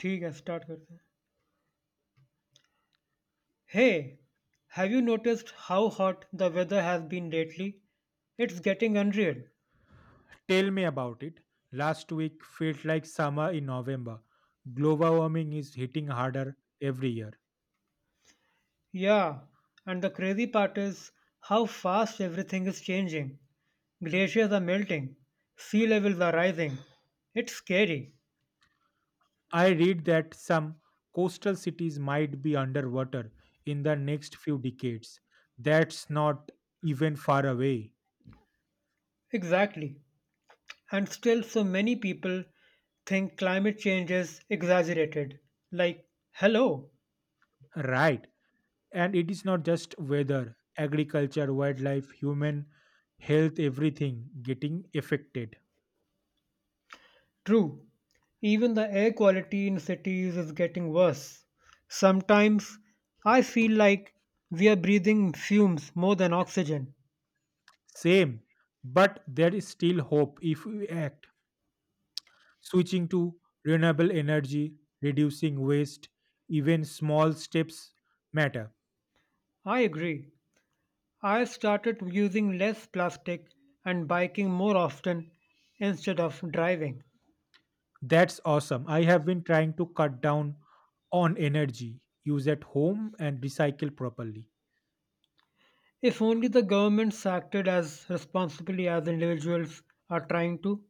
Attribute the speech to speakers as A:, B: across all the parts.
A: ठीक है स्टार्ट करते हैं. Hey, have you noticed how hot the weather has been lately? It's getting unreal.
B: Tell me about it. Last week felt like summer in November. Global warming is hitting harder every year.
A: Yeah, and the crazy part is how fast everything is changing. Glaciers are melting, sea levels are rising. It's scary.
B: I read that some coastal cities might be underwater in the next few decades. That's not even far away.
A: Exactly. And still, so many people think climate change is exaggerated. Like, hello.
B: Right. And it is not just weather, agriculture, wildlife, human health, everything getting affected.
A: True, even the air quality in cities is getting worse. Sometimes I feel like we are breathing fumes more than oxygen.
B: Same. But there is still hope if we act. Switching to renewable energy, reducing waste, even small steps matter.
A: I agree. I started using less plastic and biking more often instead of driving.
B: That's awesome. I have been trying to cut down on energy use at home and recycle properly.
A: If only the governments acted as responsibly as individuals are trying to.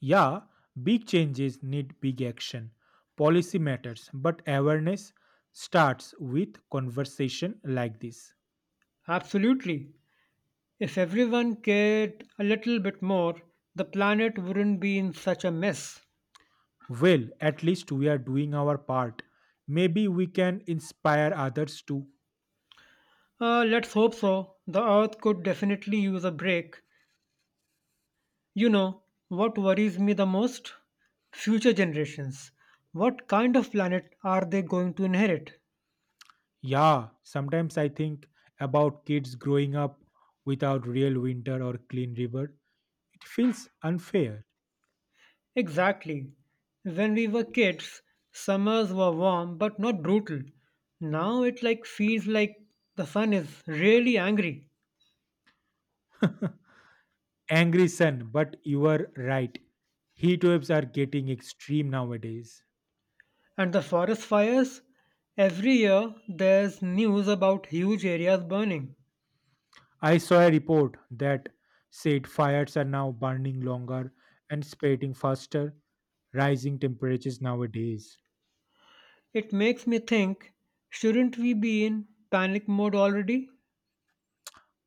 B: Yeah, big changes need big action. Policy matters, but awareness starts with conversation like this.
A: Absolutely. If everyone cared a little bit more, the planet wouldn't be in such a mess.
B: Well, at least we are doing our part. Maybe we can inspire others to.
A: Let's hope so. The earth could definitely use a break. You know, what worries me the most? Future generations. What kind of planet are they going to inherit?
B: Yeah, sometimes I think about kids growing up without real winter or clean river. It feels unfair.
A: Exactly. When we were kids, summers were warm but not brutal. Now it like feels like the sun is really angry.
B: Angry sun, but you were right. Heat waves are getting extreme nowadays.
A: And the forest fires? Every year there's news about huge areas burning.
B: I saw a report that said fires are now burning longer and spreading faster, rising temperatures nowadays.
A: It makes me think, shouldn't we be in panic mode already?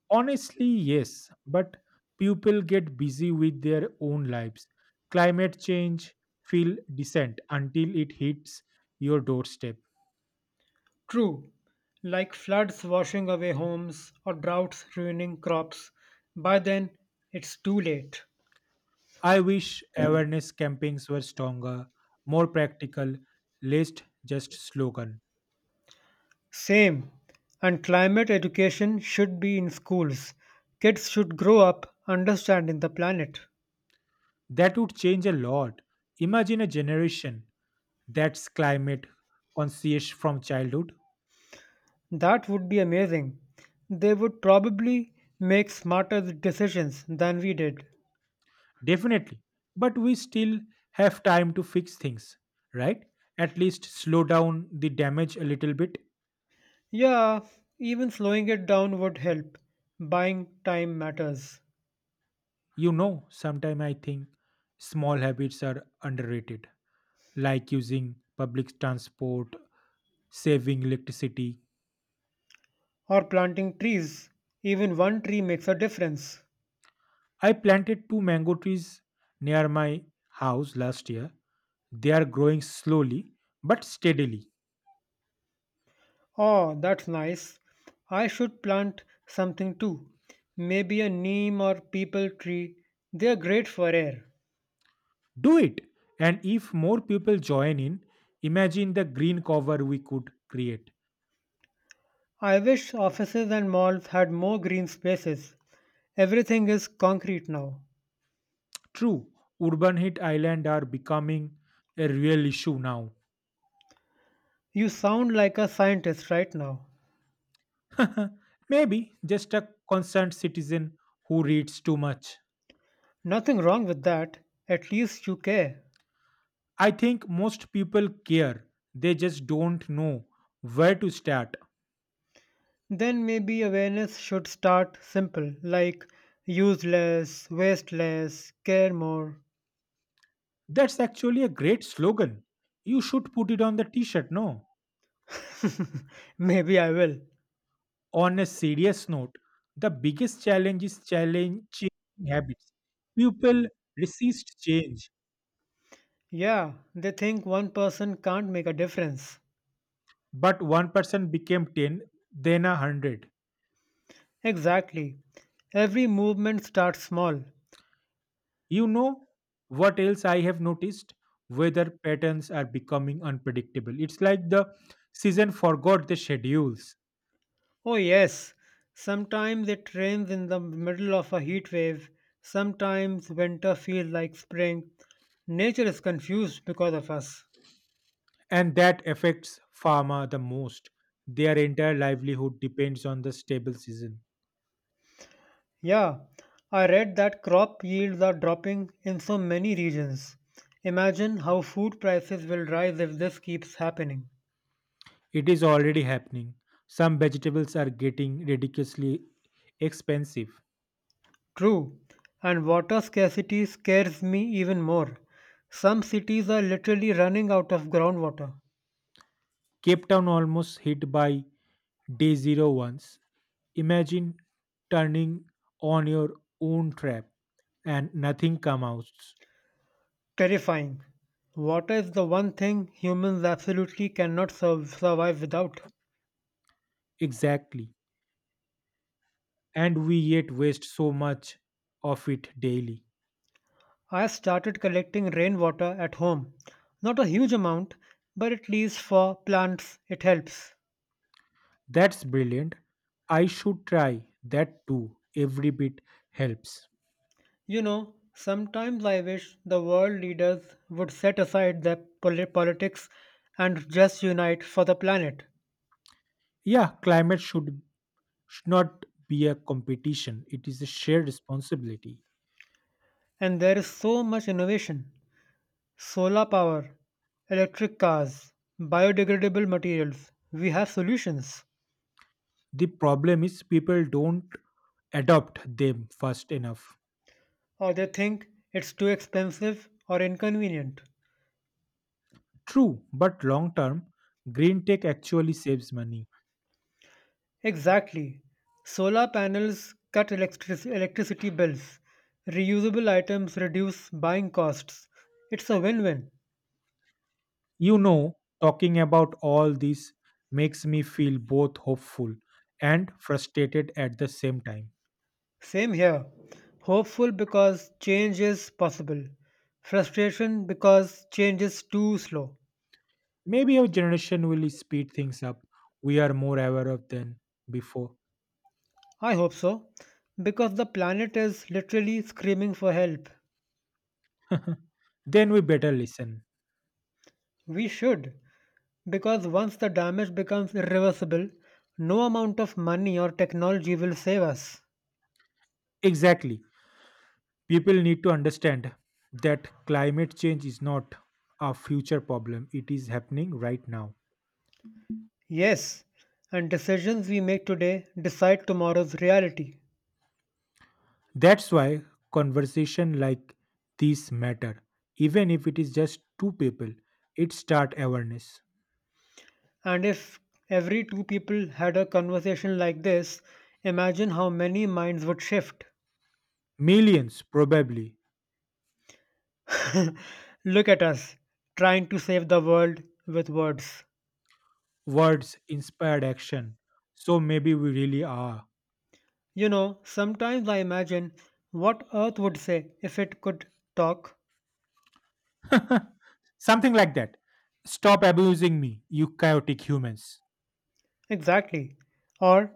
B: Honestly, yes, but people get busy with their own lives. Climate change feel decent until it hits your doorstep.
A: True, like floods washing away homes or droughts ruining crops. By then, it's too late.
B: I wish awareness campaigns were stronger, more practical, less just slogan.
A: Same, and climate education should be in schools. Kids should grow up understanding the planet.
B: That would change a lot. Imagine a generation that's climate conscious from childhood.
A: That would be amazing. They would probably make smarter decisions than we did.
B: Definitely. But we still have time to fix things, right? At least slow down the damage a little bit.
A: Yeah, even slowing it down would help. Buying time matters.
B: You know, sometimes I think small habits are underrated, like using public transport, saving electricity.
A: Or planting trees. Even one tree makes a difference.
B: I planted two mango trees near my house last year. They are growing slowly but steadily.
A: Oh, that's nice. I should plant something too. Maybe a neem or people tree. They are great for air.
B: Do it! And if more people join in, imagine the green cover we could create.
A: I wish offices and malls had more green spaces. Everything is concrete now.
B: True, urban heat island are becoming a real issue now.
A: You sound like a scientist right now.
B: Maybe just a concerned citizen who reads too much.
A: Nothing wrong with that. At least you care.
B: I think most people care, they just don't know where to start.
A: Then maybe awareness should start simple, like use less, waste less, care more.
B: That's actually a great slogan. You should put it on the t shirt, no?
A: Maybe I will.
B: On a serious note, the biggest challenge is challenge changing habits. People resist change,
A: Yeah, they think one person can't make a difference.
B: but one person became 10, then a 100.
A: Exactly. Every movement starts small.
B: You know what else I have noticed? Weather patterns are becoming unpredictable. It's like the season forgot the schedules,
A: Oh, yes. Sometimes it rains in the middle of a heat wave. Sometimes winter feels like spring. Nature is confused because of us.
B: and that affects farmer the most. Their entire livelihood depends on the stable season.
A: Yeah, I read that crop yields are dropping in so many regions. Imagine how food prices will rise if this keeps happening.
B: It is already happening. Some vegetables are getting ridiculously expensive.
A: True, and water scarcity scares me even more. Some cities are literally running out of groundwater.
B: Cape Town almost hit by day zero once. Imagine turning on your own trap and nothing comes out.
A: Terrifying. Water is the one thing humans absolutely cannot survive without.
B: Exactly. And we yet waste so much of it daily.
A: I started collecting rainwater at home. Not a huge amount, but at least for plants it helps.
B: That's brilliant. I should try that too. Every bit helps.
A: You know, sometimes I wish the world leaders would set aside their politics and just unite for the planet.
B: Yeah, climate should not be a competition. It is a shared responsibility.
A: And there is so much innovation: solar power, electric cars, biodegradable materials. We have solutions.
B: The problem is people don't adopt them fast enough.
A: Or they think it's too expensive or inconvenient.
B: True, but long term, green tech actually saves money.
A: Exactly. Solar panels cut electricity bills. Reusable items reduce buying costs. It's a win win.
B: You know, talking about all this makes me feel both hopeful and frustrated at the same time.
A: Same here. Hopeful because change is possible. Frustration because change is too slow.
B: Maybe our generation will speed things up. We are more aware of than before.
A: I hope so. Because the planet is literally screaming for help.
B: Then we better listen.
A: We should. Because once the damage becomes irreversible, no amount of money or technology will save us.
B: Exactly. People need to understand that climate change is not a future problem, it is happening right now.
A: Yes, and decisions we make today decide tomorrow's reality.
B: That's why conversation like this matter. Even if it is just two people, it start awareness.
A: And if every two people had a conversation like this, imagine how many minds would shift.
B: Millions, probably.
A: Look at us, trying to save the world with words.
B: Words inspired action. So maybe we really are.
A: You know, sometimes I imagine what Earth would say if it could talk.
B: Something like that. Stop abusing me, you chaotic humans.
A: Exactly. Or,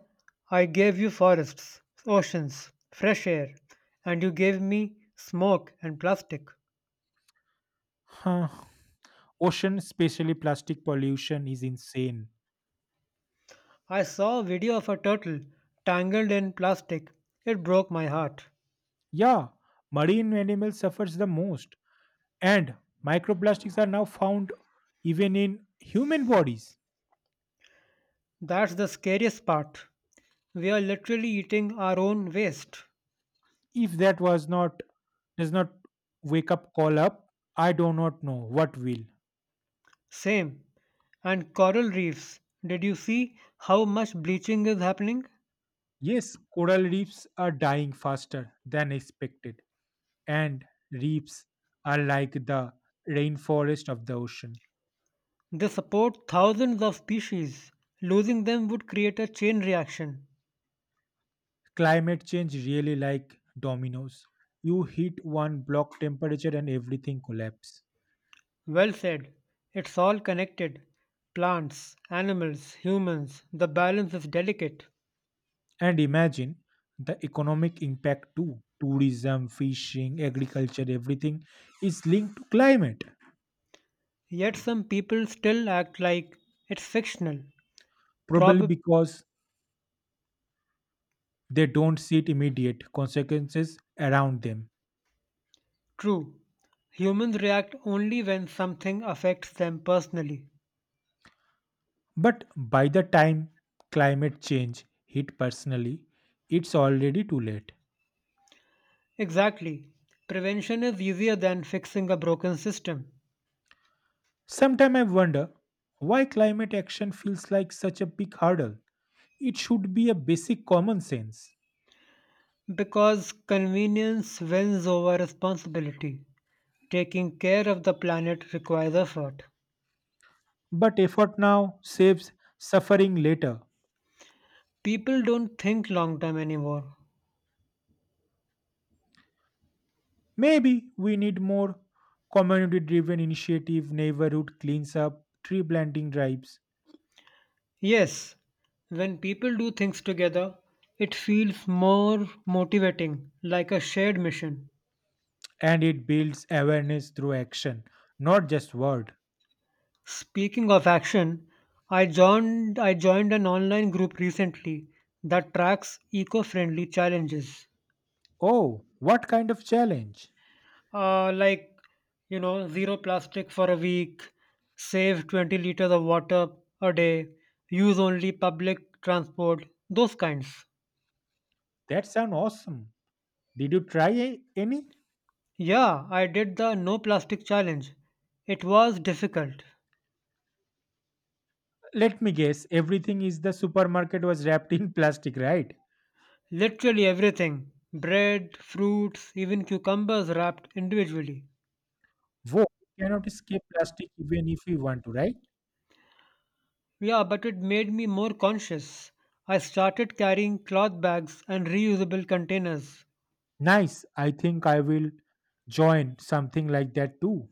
A: I gave you forests, oceans, fresh air, and you gave me smoke and plastic.
B: Huh. Ocean, especially plastic pollution, is insane.
A: I saw a video of a turtle tangled in plastic. It broke my heart.
B: Yeah, marine animals suffers the most. And microplastics are now found even in human bodies.
A: That's the scariest part. We are literally eating our own waste.
B: If that was not does not wake up call up, I do not know what will.
A: Same. And coral reefs. Did you see how much bleaching is happening?
B: Yes, coral reefs are dying faster than expected, and reefs are like the rainforest of the ocean.
A: They support thousands of species. Losing them would create a chain reaction.
B: Climate change really like dominoes. You hit one block temperature and everything collapse.
A: Well said. It's all connected. Plants, animals, humans, the balance is delicate.
B: And imagine the economic impact too. Tourism, fishing, agriculture, everything is linked to climate.
A: Yet some people still act like it's fictional.
B: Probably
A: Prob
B: because they don't see immediate consequences around them.
A: true. Humans react only when something affects them personally.
B: But by the time climate change hit personally, it's already too late.
A: Exactly. Prevention is easier than fixing a broken system,
B: Sometimes I wonder why climate action feels like such a big hurdle. It should be a basic common sense.
A: because convenience wins over responsibility. Taking care of the planet requires effort.
B: But effort now saves suffering later.
A: People don't think long term anymore.
B: Maybe we need more community driven initiative, neighborhood cleans up, tree planting drives,
A: Yes, when people do things together, it feels more motivating, like a shared mission.
B: and it builds awareness through action, not just word.
A: Speaking of action, I joined an online group recently that tracks eco-friendly challenges.
B: Oh, what kind of challenge?
A: Uh, like, zero plastic for a week, save 20 liters of water a day, use only public transport, those kinds.
B: That sounds awesome. Did you try any?
A: Yeah, I did the no plastic challenge. It was difficult.
B: Let me guess. Everything is the supermarket was wrapped in plastic, right?
A: Literally everything: bread, fruits, even cucumbers wrapped individually.
B: Whoa, we cannot escape plastic even if we want to, right?
A: Yeah, but it made me more conscious. I started carrying cloth bags and reusable containers.
B: Nice. I think I will join something like that too.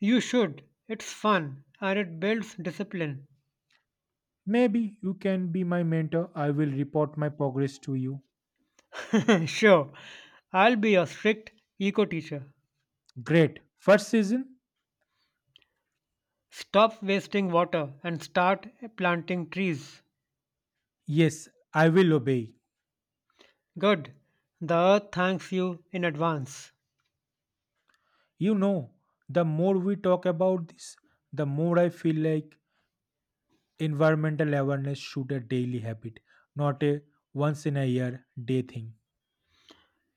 A: You should. It's fun and it builds discipline.
B: Maybe you can be my mentor. I will report my progress to you.
A: Sure, I'll be your strict eco teacher.
B: Great. First season?
A: Stop wasting water and start planting trees.
B: Yes, I will obey.
A: Good, the earth thanks you in advance.
B: You know, the more we talk about this, the more I feel like environmental awareness should a daily habit, not a once in a year day thing.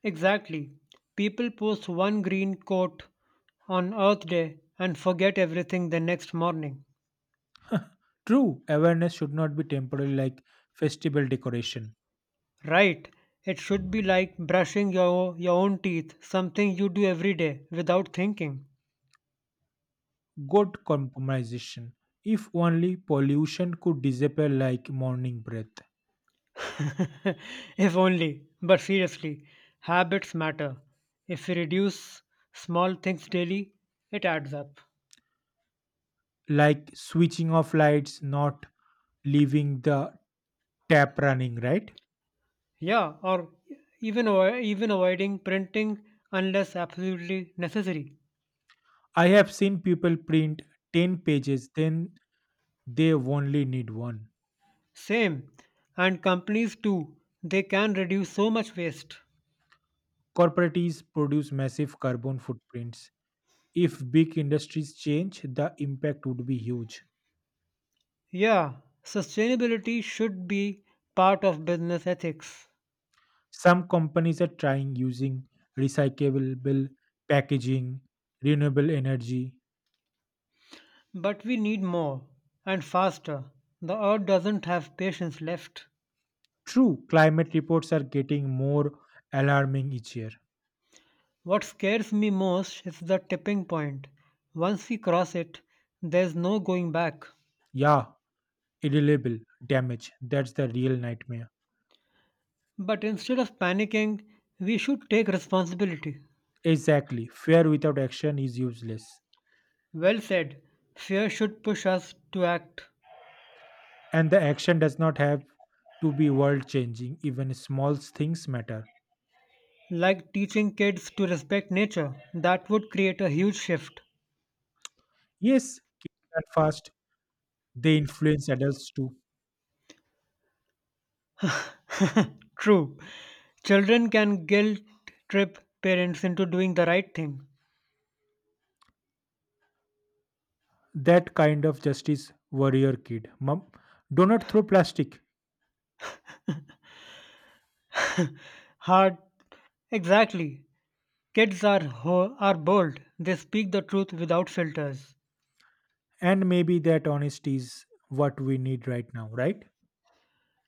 A: Exactly, people post one green coat on Earth Day and forget everything the next morning.
B: True, awareness should not be temporary like festival decoration.
A: Right, it should be like brushing your own teeth, something you do every day without thinking.
B: Good compromisation. If only pollution could disappear like morning breath.
A: If only. But seriously, habits matter. If we reduce small things daily, it adds up.
B: Like switching off lights, not leaving the tap running, right?
A: Yeah, or even avoiding printing unless absolutely necessary.
B: I have seen people print 10 pages, then they only need one.
A: Same, and companies too. They can reduce so much waste.
B: Corporates produce massive carbon footprints. If big industries change, the impact would be huge.
A: Yeah, sustainability should be part of business ethics.
B: Some companies are trying using recyclable packaging, renewable energy.
A: But we need more and faster. The earth doesn't have patience left.
B: True, climate reports are getting more alarming each year.
A: What scares me most is the tipping point. Once we cross it, there's no going back.
B: Yeah, irrelevable damage. That's the real nightmare.
A: But instead of panicking, we should take responsibility.
B: Exactly. Fear without action is useless.
A: Well said, fear should push us to act.
B: And the action does not have to be world changing. Even small things matter.
A: Like teaching kids to respect nature, that would create a huge shift.
B: Yes, kids are fast. They influence adults too.
A: True, children can guilt trip parents into doing the right thing.
B: That kind of justice warrior kid, mom do not throw plastic.
A: Hard, exactly. Kids are, are bold, they speak the truth without filters.
B: And maybe that honesty is what we need right now, right?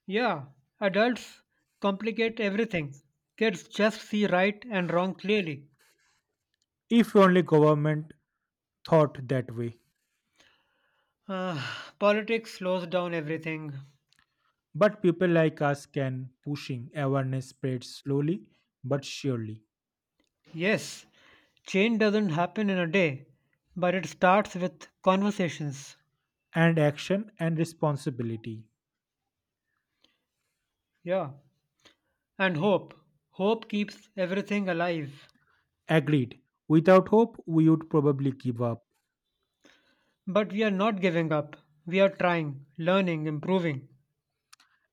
A: Yeah, adults complicate everything. Kids just see right and wrong clearly.
B: If only government thought that way.
A: Ah, politics slows down everything.
B: But people like us can pushing awareness spreads slowly but surely.
A: Yes, change doesn't happen in a day, but it starts with conversations.
B: And action and responsibility.
A: Yeah, and hope. Hope keeps everything alive.
B: Agreed, without hope we would probably give up.
A: But we are not giving up. We are trying, learning, improving.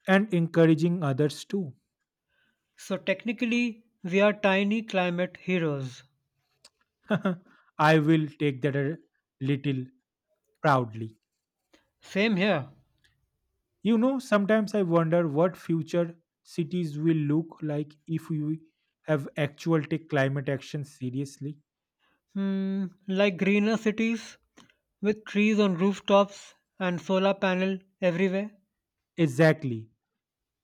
B: And encouraging others too.
A: So technically, we are tiny climate heroes.
B: I will take that a little proudly.
A: Same here.
B: You know, sometimes I wonder what future cities will look like if we have actual take climate action seriously.
A: Hmm, like greener cities with trees on rooftops and solar panel everywhere.
B: Exactly.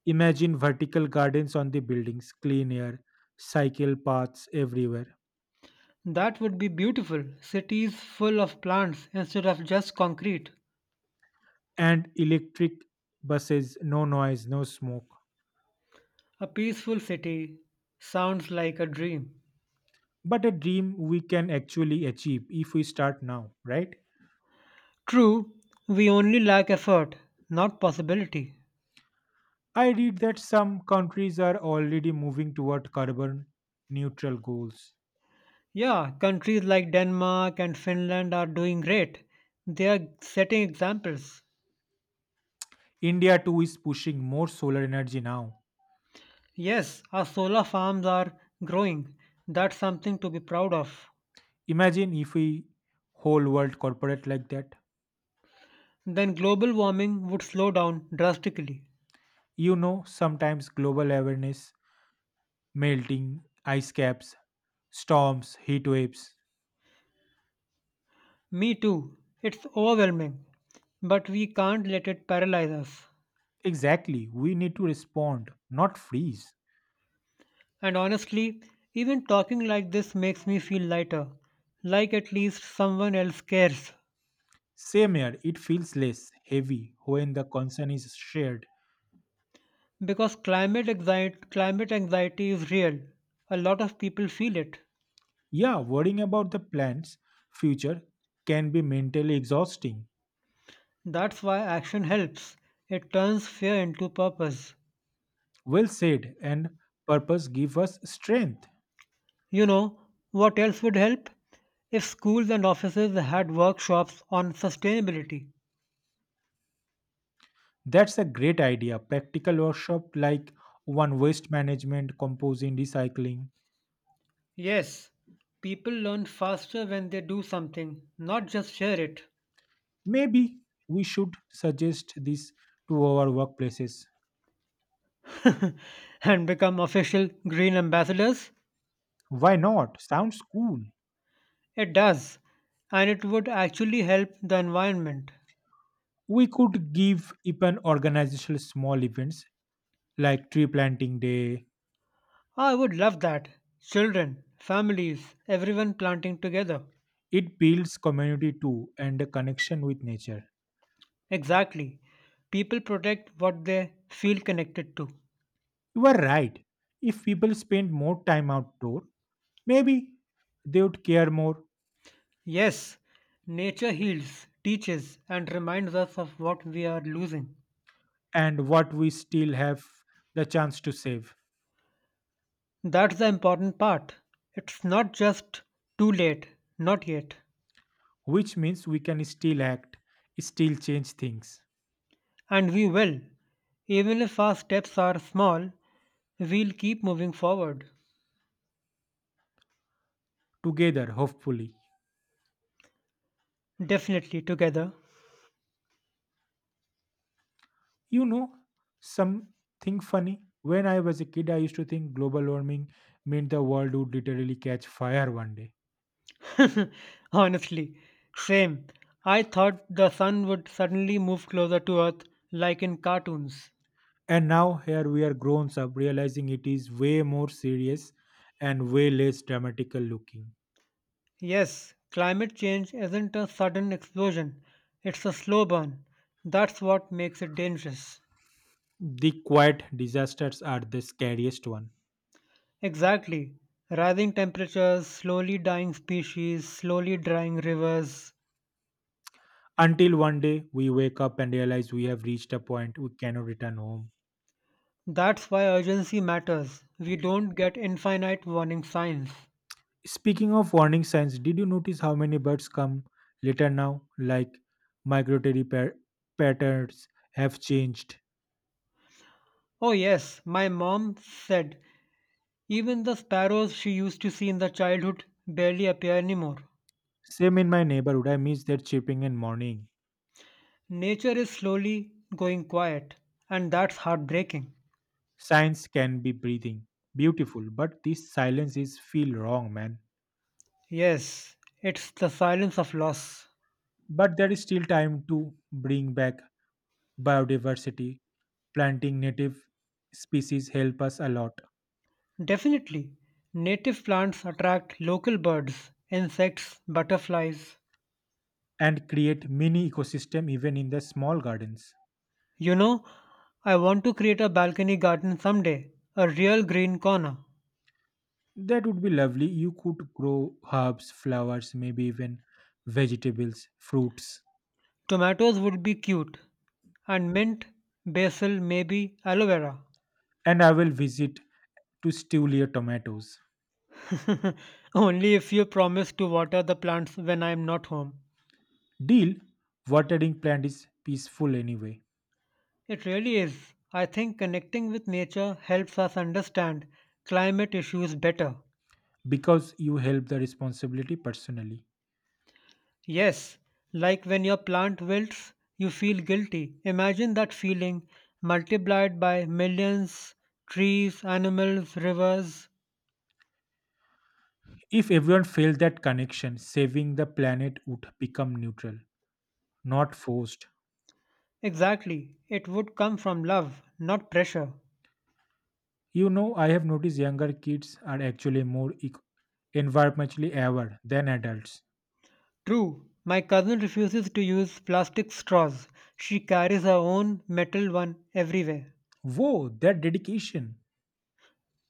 B: Imagine vertical gardens on the buildings, clean air, cycle paths everywhere,
A: That would be beautiful. Cities full of plants instead of just concrete.
B: and electric buses, no noise, no smoke.
A: A peaceful city sounds like a dream.
B: But a dream we can actually achieve if we start now, right?
A: True, we only lack effort, not possibility.
B: I read that some countries are already moving toward carbon neutral goals.
A: Yeah, countries like Denmark and Finland are doing great. They are setting examples.
B: India too is pushing more solar energy now.
A: Yes, our solar farms are growing. That's something to be proud of.
B: Imagine if we whole world corporate like that.
A: Then global warming would slow down drastically.
B: You know, sometimes global awareness, melting ice caps, storms, heat waves.
A: Me too. It's overwhelming, but we can't let it paralyze us.
B: Exactly, we need to respond, not freeze.
A: And honestly, even talking like this makes me feel lighter, like at least someone else cares.
B: Same here, it feels less heavy when the concern is shared.
A: Because climate anxiety is real. A lot of people feel it.
B: Yeah, worrying about the plant's future can be mentally exhausting.
A: That's why action helps. It turns fear into purpose.
B: Well said, and purpose give us strength.
A: You know, what else would help? If schools and offices had workshops on sustainability.
B: That's a great idea. Practical workshop like one waste management, composing, recycling.
A: Yes, people learn faster when they do something, not just share it.
B: Maybe we should suggest this to our workplaces.
A: And become official green ambassadors?
B: Why not? Sounds cool.
A: It does. And it would actually help the environment.
B: We could give even organizational small events like tree planting day.
A: I would love that. Children, families, everyone planting together.
B: It builds community too and a connection with nature.
A: Exactly. People protect what they feel connected to.
B: You are right. If people spend more time outdoor, maybe they would care more.
A: Yes, nature heals, teaches, and reminds us of what we are losing.
B: And what we still have the chance to save.
A: That's the important part. It's not just too late, not yet.
B: Which means we can still act, still change things
A: And we will. Even if our steps are small, we'll keep moving forward.
B: together, hopefully.
A: Definitely together.
B: You know, something funny. When I was a kid, I used to think global warming meant the world would literally catch fire one day.
A: Honestly, same. I thought the sun would suddenly move closer to Earth like in cartoons.
B: And now here we are grown up realizing it is way more serious and way less dramatical looking.
A: Yes, climate change isn't a sudden explosion, it's a slow burn. That's what makes it dangerous.
B: The quiet disasters are the scariest one.
A: Exactly. Rising temperatures, slowly dying species, slowly drying rivers.
B: Until one day we wake up and realize we have reached a point we cannot return home.
A: That's why urgency matters. We don't get infinite warning signs.
B: Speaking of warning signs, did you notice how many birds come later now? Like migratory patterns have changed.
A: Oh, yes, my mom said even the sparrows she used to see in the childhood barely appear anymore.
B: Same in my neighborhood, I miss their chirping and morning.
A: Nature is slowly going quiet, and that's heartbreaking.
B: Signs can be breathing. Beautiful, but this silence is feel wrong, man.
A: Yes, it's the silence of loss.
B: But there is still time to bring back biodiversity. Planting native species help us a lot
A: Definitely, native plants attract local birds, insects, butterflies.
B: and create mini ecosystem even in the small gardens.
A: You know, I want to create a balcony garden someday, a real green corner.
B: That would be lovely. You could grow herbs, flowers, maybe even vegetables, fruits.
A: Tomatoes would be cute, and mint, basil, maybe aloe vera.
B: And I will visit to Stulia tomatoes.
A: Only if you promise to water the plants when I am not home.
B: Deal, watering plant is peaceful anyway
A: It really is. I think connecting with nature helps us understand climate issues better.
B: because you help the responsibility personally.
A: Yes, like when your plant wilts, you feel guilty. Imagine that feeling multiplied by millions, trees, animals, rivers.
B: If everyone failed that connection, saving the planet would become neutral, not forced.
A: Exactly, it would come from love, not pressure.
B: You know, I have noticed younger kids are actually more environmentally aware than adults.
A: True, my cousin refuses to use plastic straws. She carries her own metal one everywhere.
B: Whoa, that dedication!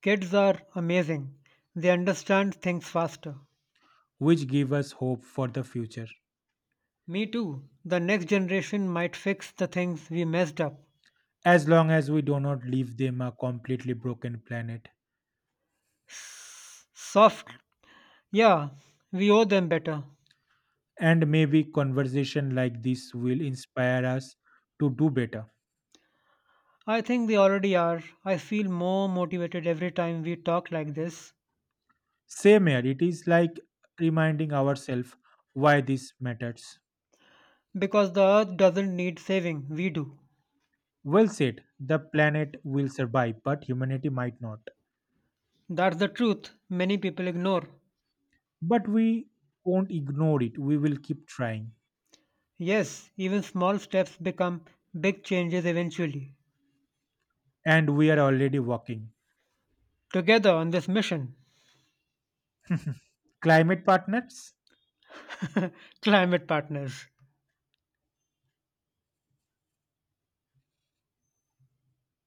A: Kids are amazing. They understand things faster.
B: Which give us hope for the future,
A: Me too. The next generation might fix the things we messed up.
B: as long as we do not leave them a completely broken planet.
A: S- soft Yeah, we owe them better.
B: And maybe conversation like this will inspire us to do better.
A: I think they already are. I feel more motivated every time we talk like this,
B: Same here, it is like reminding ourselves why this matters.
A: because the earth doesn't need saving, we do.
B: Well said, the planet will survive, but humanity might not.
A: That's the truth many people ignore.
B: But we won't ignore it, we will keep trying.
A: Yes, even small steps become big changes eventually.
B: And we are already working.
A: Together on this mission,
B: Climate partners?
A: climate partners.